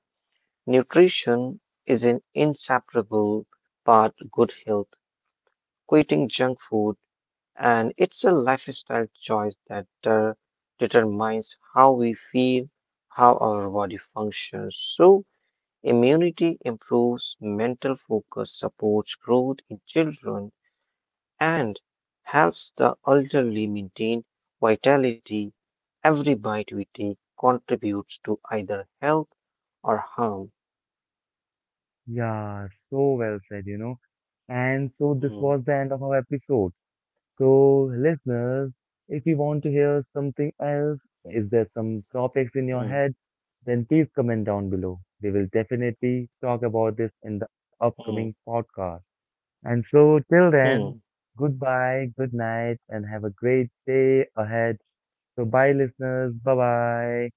B: nutrition is an inseparable part of good health. Quitting junk food and it's a lifestyle choice that determines how we feel, how our body functions. So, immunity improves mental focus, supports growth in children, and helps the elderly maintain vitality. Every bite we take contributes to either health or harm.
A: Yeah, so well said, And so this
B: Hmm,
A: was the end of our episode. So, listeners, if you want to hear something else, is there some topics in your
B: hmm,
A: head, then please comment down below. We will definitely talk about this in the upcoming
B: hmm,
A: podcast. And so, till then,
B: hmm.
A: goodbye, good night, and have a great day ahead. So, bye, listeners. Bye bye.